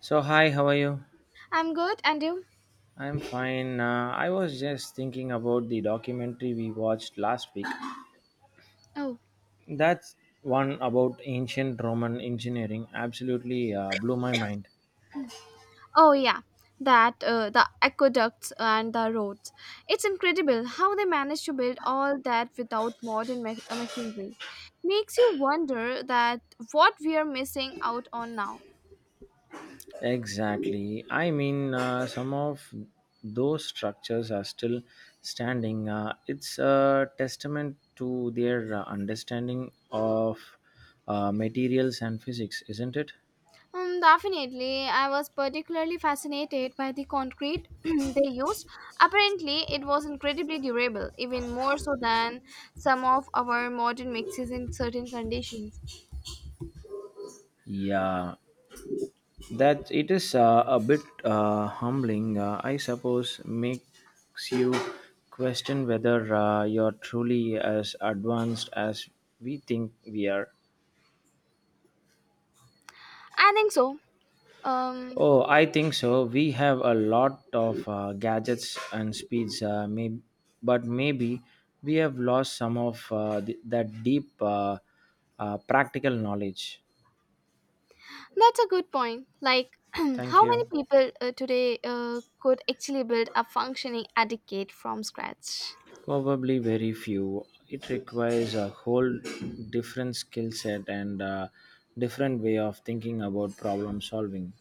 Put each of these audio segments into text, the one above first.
So, hi, how are you? I'm good, and you? I'm fine. I was just thinking about the documentary we watched last week. Oh, That's one about ancient Roman engineering. Absolutely blew my mind. oh yeah, that the aqueducts and the roads. It's incredible how they managed to build all that without modern machinery. Makes you wonder that what we are missing out on now. Exactly. I mean, some of those structures are still standing. It's a testament to their understanding of materials and physics, isn't it? Definitely, I was particularly fascinated by the concrete they used. Apparently, it was incredibly durable, even more so than some of our modern mixes in certain conditions. Yeah, that it is a bit humbling, I suppose, makes you question whether you're truly as advanced as we think we are. I think so. Um, Oh, I think so. We have a lot of gadgets and speeds, but maybe we have lost some of that deep practical knowledge. That's a good point. Like, Thank how many you. people today could actually build a functioning etiquette from scratch? Probably very few. It requires a whole different skill set and a different way of thinking about problem solving.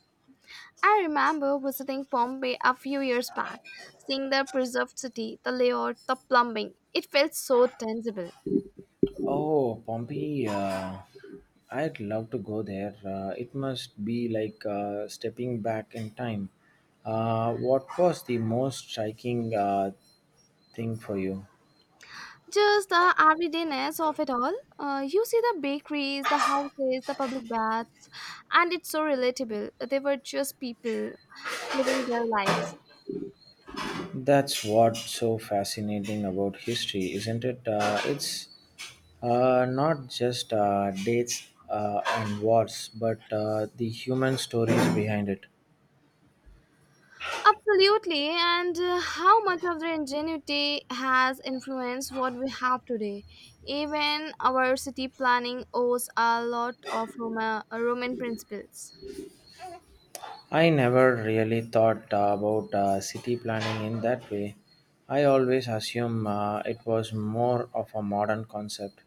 I remember visiting Pompeii a few years back, seeing the preserved city, the layout, the plumbing. It felt so tangible. Oh, Pompeii, I'd love to go there. It must be like stepping back in time. What was the most striking thing for you? Just the everydayness of it all. You see the bakeries, the houses, the public baths, and it's so relatable. They were just people living their lives. That's what's so fascinating about history, isn't it? It's not just dates and wars, but the human stories behind it. Absolutely, and how much of their ingenuity has influenced what we have today? Even our city planning owes a lot of Roman principles. I never really thought about city planning in that way. I always assume it was more of a modern concept.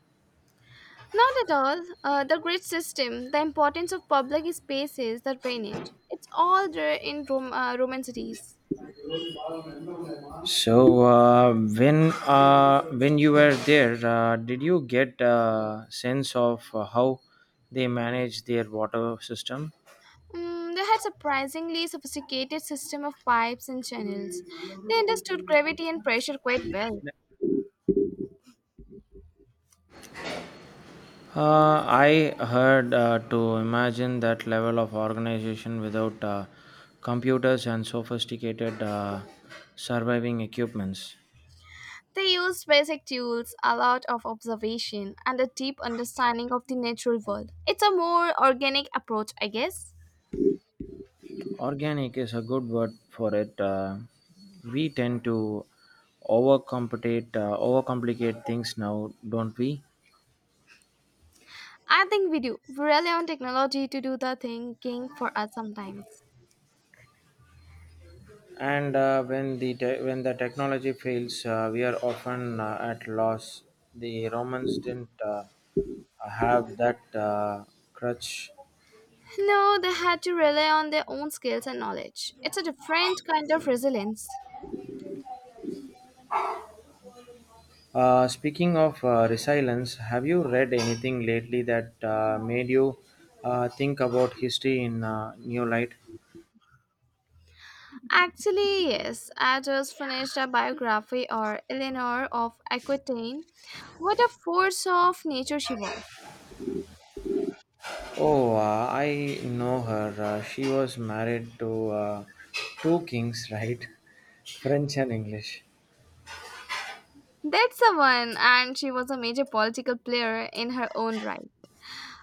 Not at all. The grid system, the importance of public spaces, the drainage, it's all there in Roman cities. So when you were there, did you get a sense of how they manage their water system? Mm, they had surprisingly sophisticated system of pipes and channels. They understood gravity and pressure quite well. I heard to imagine that level of organization without computers and sophisticated surviving equipments. They used basic tools, a lot of observation, and a deep understanding of the natural world. It's a more organic approach, I guess. Organic is a good word for it. We tend to overcomplicate things now, don't we? I think we do. We rely on technology to do the thinking for us sometimes. And when when the technology fails, we are often at loss. The Romans didn't have that crutch. No, they had to rely on their own skills and knowledge. It's a different kind of resilience. Speaking of resilience, have you read anything lately that made you think about history in new light? Actually, yes, I just finished a biography or Eleanor of Aquitaine. What a force of nature she was. Oh, I know her. She was married to two kings, right? French and English. That's the one, and she was a major political player in her own right.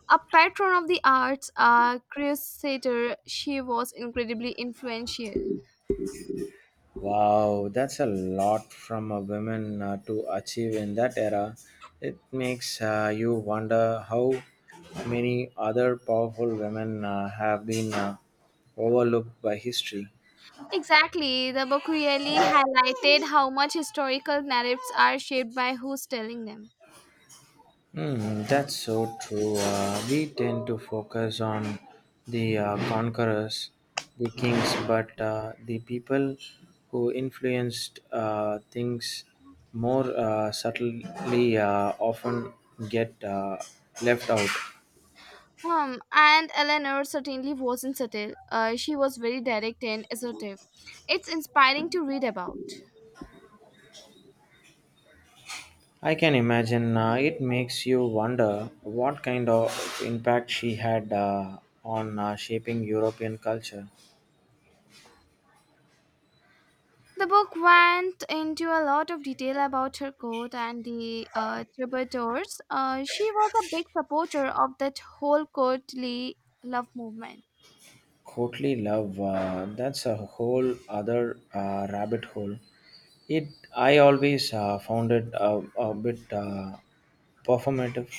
A patron of the arts, a crusader, she was incredibly influential. Wow, that's a lot from a woman to achieve in that era. It makes you wonder how many other powerful women have been overlooked by history. Exactly, the book really highlighted how much historical narratives are shaped by who's telling them. Hmm, that's so true. We tend to focus on the conquerors, the kings, but the people who influenced things more subtly often get left out. And Eleanor certainly wasn't subtle. She was very direct and assertive. It's inspiring to read about. I can imagine it makes you wonder what kind of impact she had on shaping European culture. The book went into a lot of detail about her court and the tributors. She was a big supporter of that whole courtly love movement. Courtly love, that's a whole other rabbit hole. It I always found it a bit performative.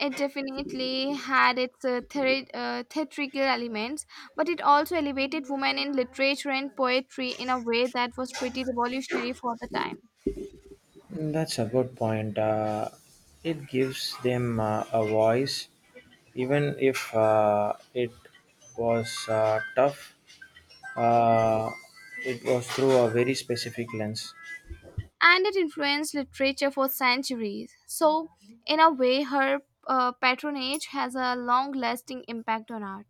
It definitely had its theatrical elements, but it also elevated women in literature and poetry in a way that was pretty revolutionary for the time. That's a good point. It gives them a voice, even if it was tough. Uh, it was through a very specific lens. And it influenced literature for centuries. So, in a way, her patronage has a long lasting impact on art.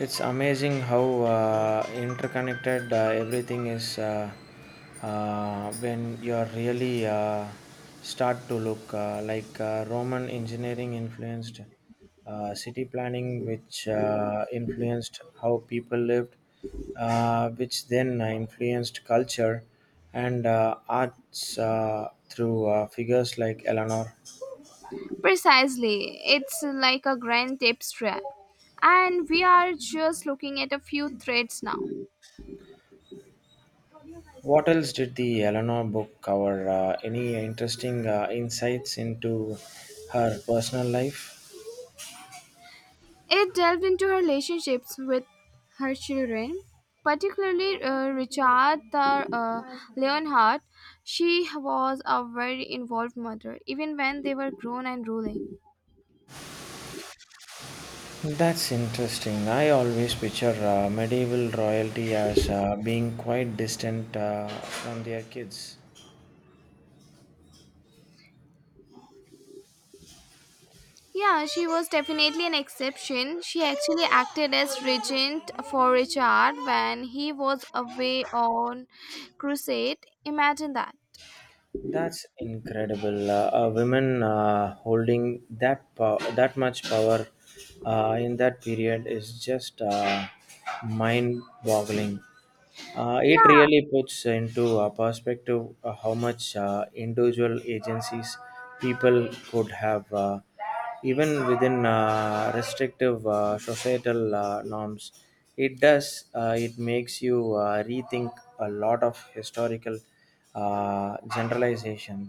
It's amazing how interconnected everything is when you're really start to look like Roman engineering influenced city planning, which influenced how people lived, which then influenced culture and arts through figures like Eleanor. Precisely, it's like a grand tapestry, and we are just looking at a few threads now. What else did the Eleanor book cover? Any interesting insights into her personal life? It delved into her relationships with her children, particularly Richard the Leonhardt. She was a very involved mother, even when they were grown and ruling. That's interesting. I always picture medieval royalty as being quite distant from their kids. Yeah, she was definitely an exception. She actually acted as regent for Richard when he was away on crusade. Imagine that. That's incredible. A women that much power in that period is just mind-boggling. It Yeah. really puts into perspective how much individual agencies people could have. Even within restrictive societal norms, it makes you rethink a lot of historical generalization.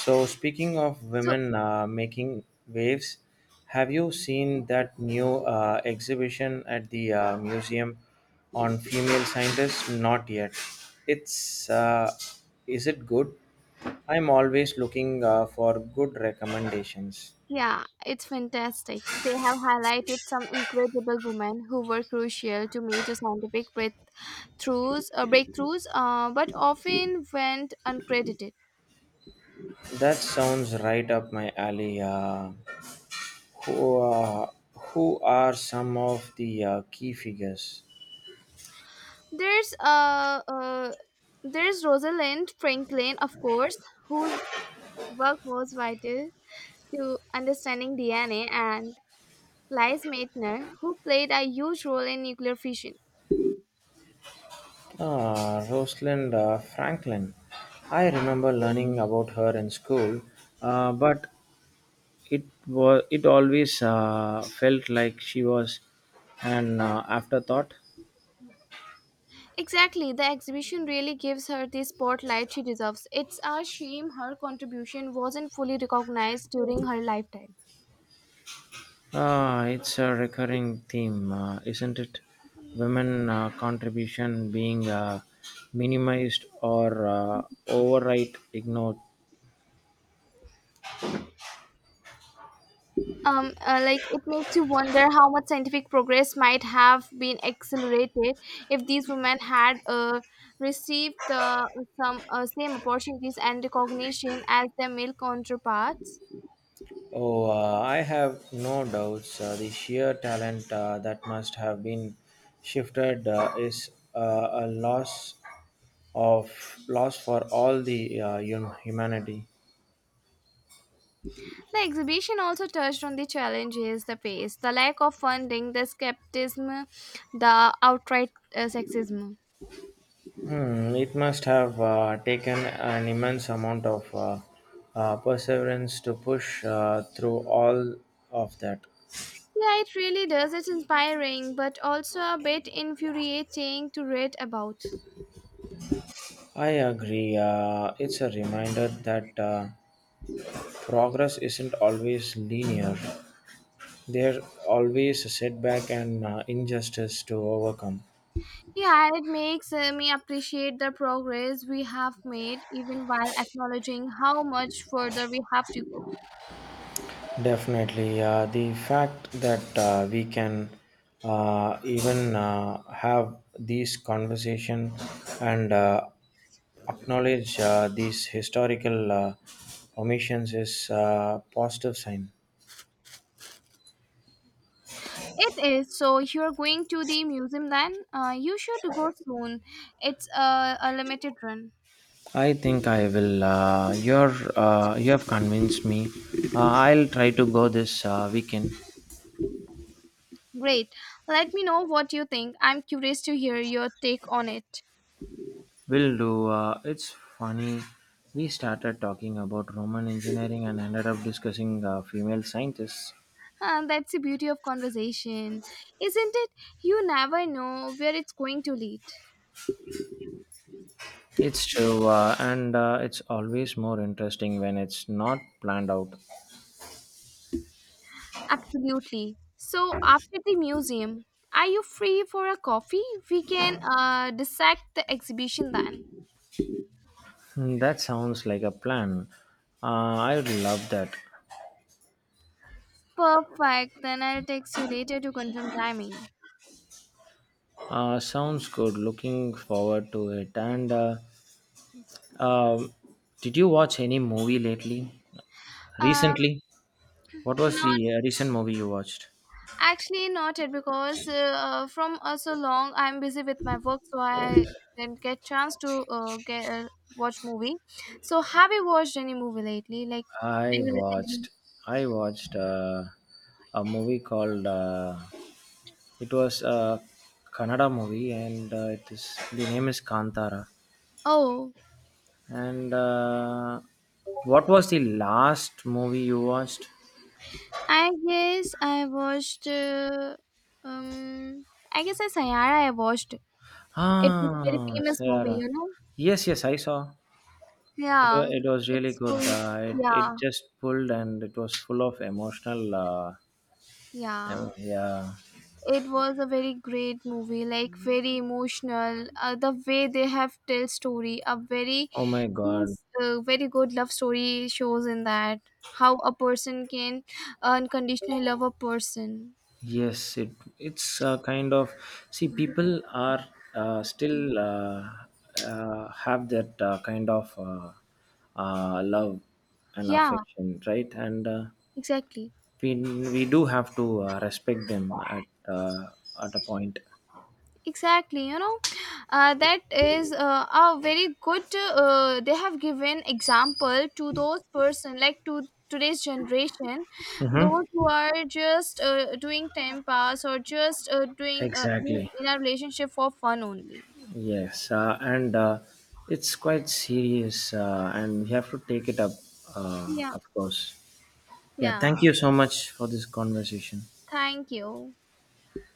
So, speaking of So women making waves, have you seen that new exhibition at the museum on female scientists? Not yet. It's is it good? I'm always looking for good recommendations. yeah, it's fantastic. They have highlighted some incredible women who were crucial to major breakthroughs, but often went uncredited. That sounds right up my alley. Uh, who are some of the key figures? There's uh, uh there's Rosalind Franklin, of course, whose work was vital to understanding DNA, and Lise Meitner, who played a huge role in nuclear fission. Ah, Rosalind Franklin. I remember learning about her in school, but it always felt like she was an afterthought. Exactly, the exhibition really gives her the spotlight she deserves. It's a shame her contribution wasn't fully recognized during her lifetime. Ah, it's a recurring theme, isn't it? Women contribution being minimized or outright ignored. Like, it makes you wonder how much scientific progress might have been accelerated if these women had received the some same opportunities and recognition as their male counterparts. Oh, I have no doubts. The sheer talent that must have been shifted is a loss for all the humanity. The exhibition also touched on the challenges, the pace, the lack of funding, the skepticism, the outright sexism. Hmm, it must have taken an immense amount of perseverance to push through all of that. Yeah, it really does. It's inspiring, but also a bit infuriating to read about. I agree. It's a reminder that progress isn't always linear. There's always a setback and injustice to overcome. Yeah, it makes me appreciate the progress we have made, even while acknowledging how much further we have to go. Definitely. The fact that we can even have these conversation and acknowledge these historical omissions is a positive sign. It is. So you're going to the museum then? You should go soon. It's a limited run. I think I will. You have convinced me. I'll try to go this weekend. Great. Let me know what you think. I'm curious to hear your take on it. Will do. It's funny. We started talking about Roman engineering and ended up discussing female scientists. And that's the beauty of conversation, isn't it? You never know where it's going to lead. It's true, and it's always more interesting when it's not planned out. Absolutely. So, after the museum, are you free for a coffee? We can dissect the exhibition then. Hmm, that sounds like a plan. I would love that. Perfect. Then I'll text you later to confirm timing. Sounds good. Looking forward to it. And um did you watch any movie lately? Um, Recently, what was the not recent movie you watched? Actually, not yet because from so long I'm busy with my work, so I didn't get chance to get watch movie. So, have you watched any movie lately? Like, I any recently? watched. I watched a movie called. It was a Kannada movie, and it is the name is Kantara. Oh, And what was the last movie you watched? I guess I watched. Uh, um, I guess I Sayara I watched. It was a very Ah, famous movie, Sarah. you know. Yes, yes, I saw. Yeah, It was really it's good. story. Yeah, It just pulled and it was full of emotional. Yeah, Yeah. it was a very great movie, like very emotional, the way they have tell story a very Oh my God. means very good love story shows in that how a person can unconditionally love a person. Yes, it's a kind of see people are still have that kind of love and Yeah, affection, right? And exactly, we we do have to respect them at a point. exactly, you know, that is a very good, they have given example to those person, like to today's generation, Mm-hmm. those who are just doing time pass or just doing be Exactly. in a relationship for fun only. Yes, and it's quite serious and we have to take it up, Yeah, of course. Yeah, yeah, thank you so much for this conversation. thank you.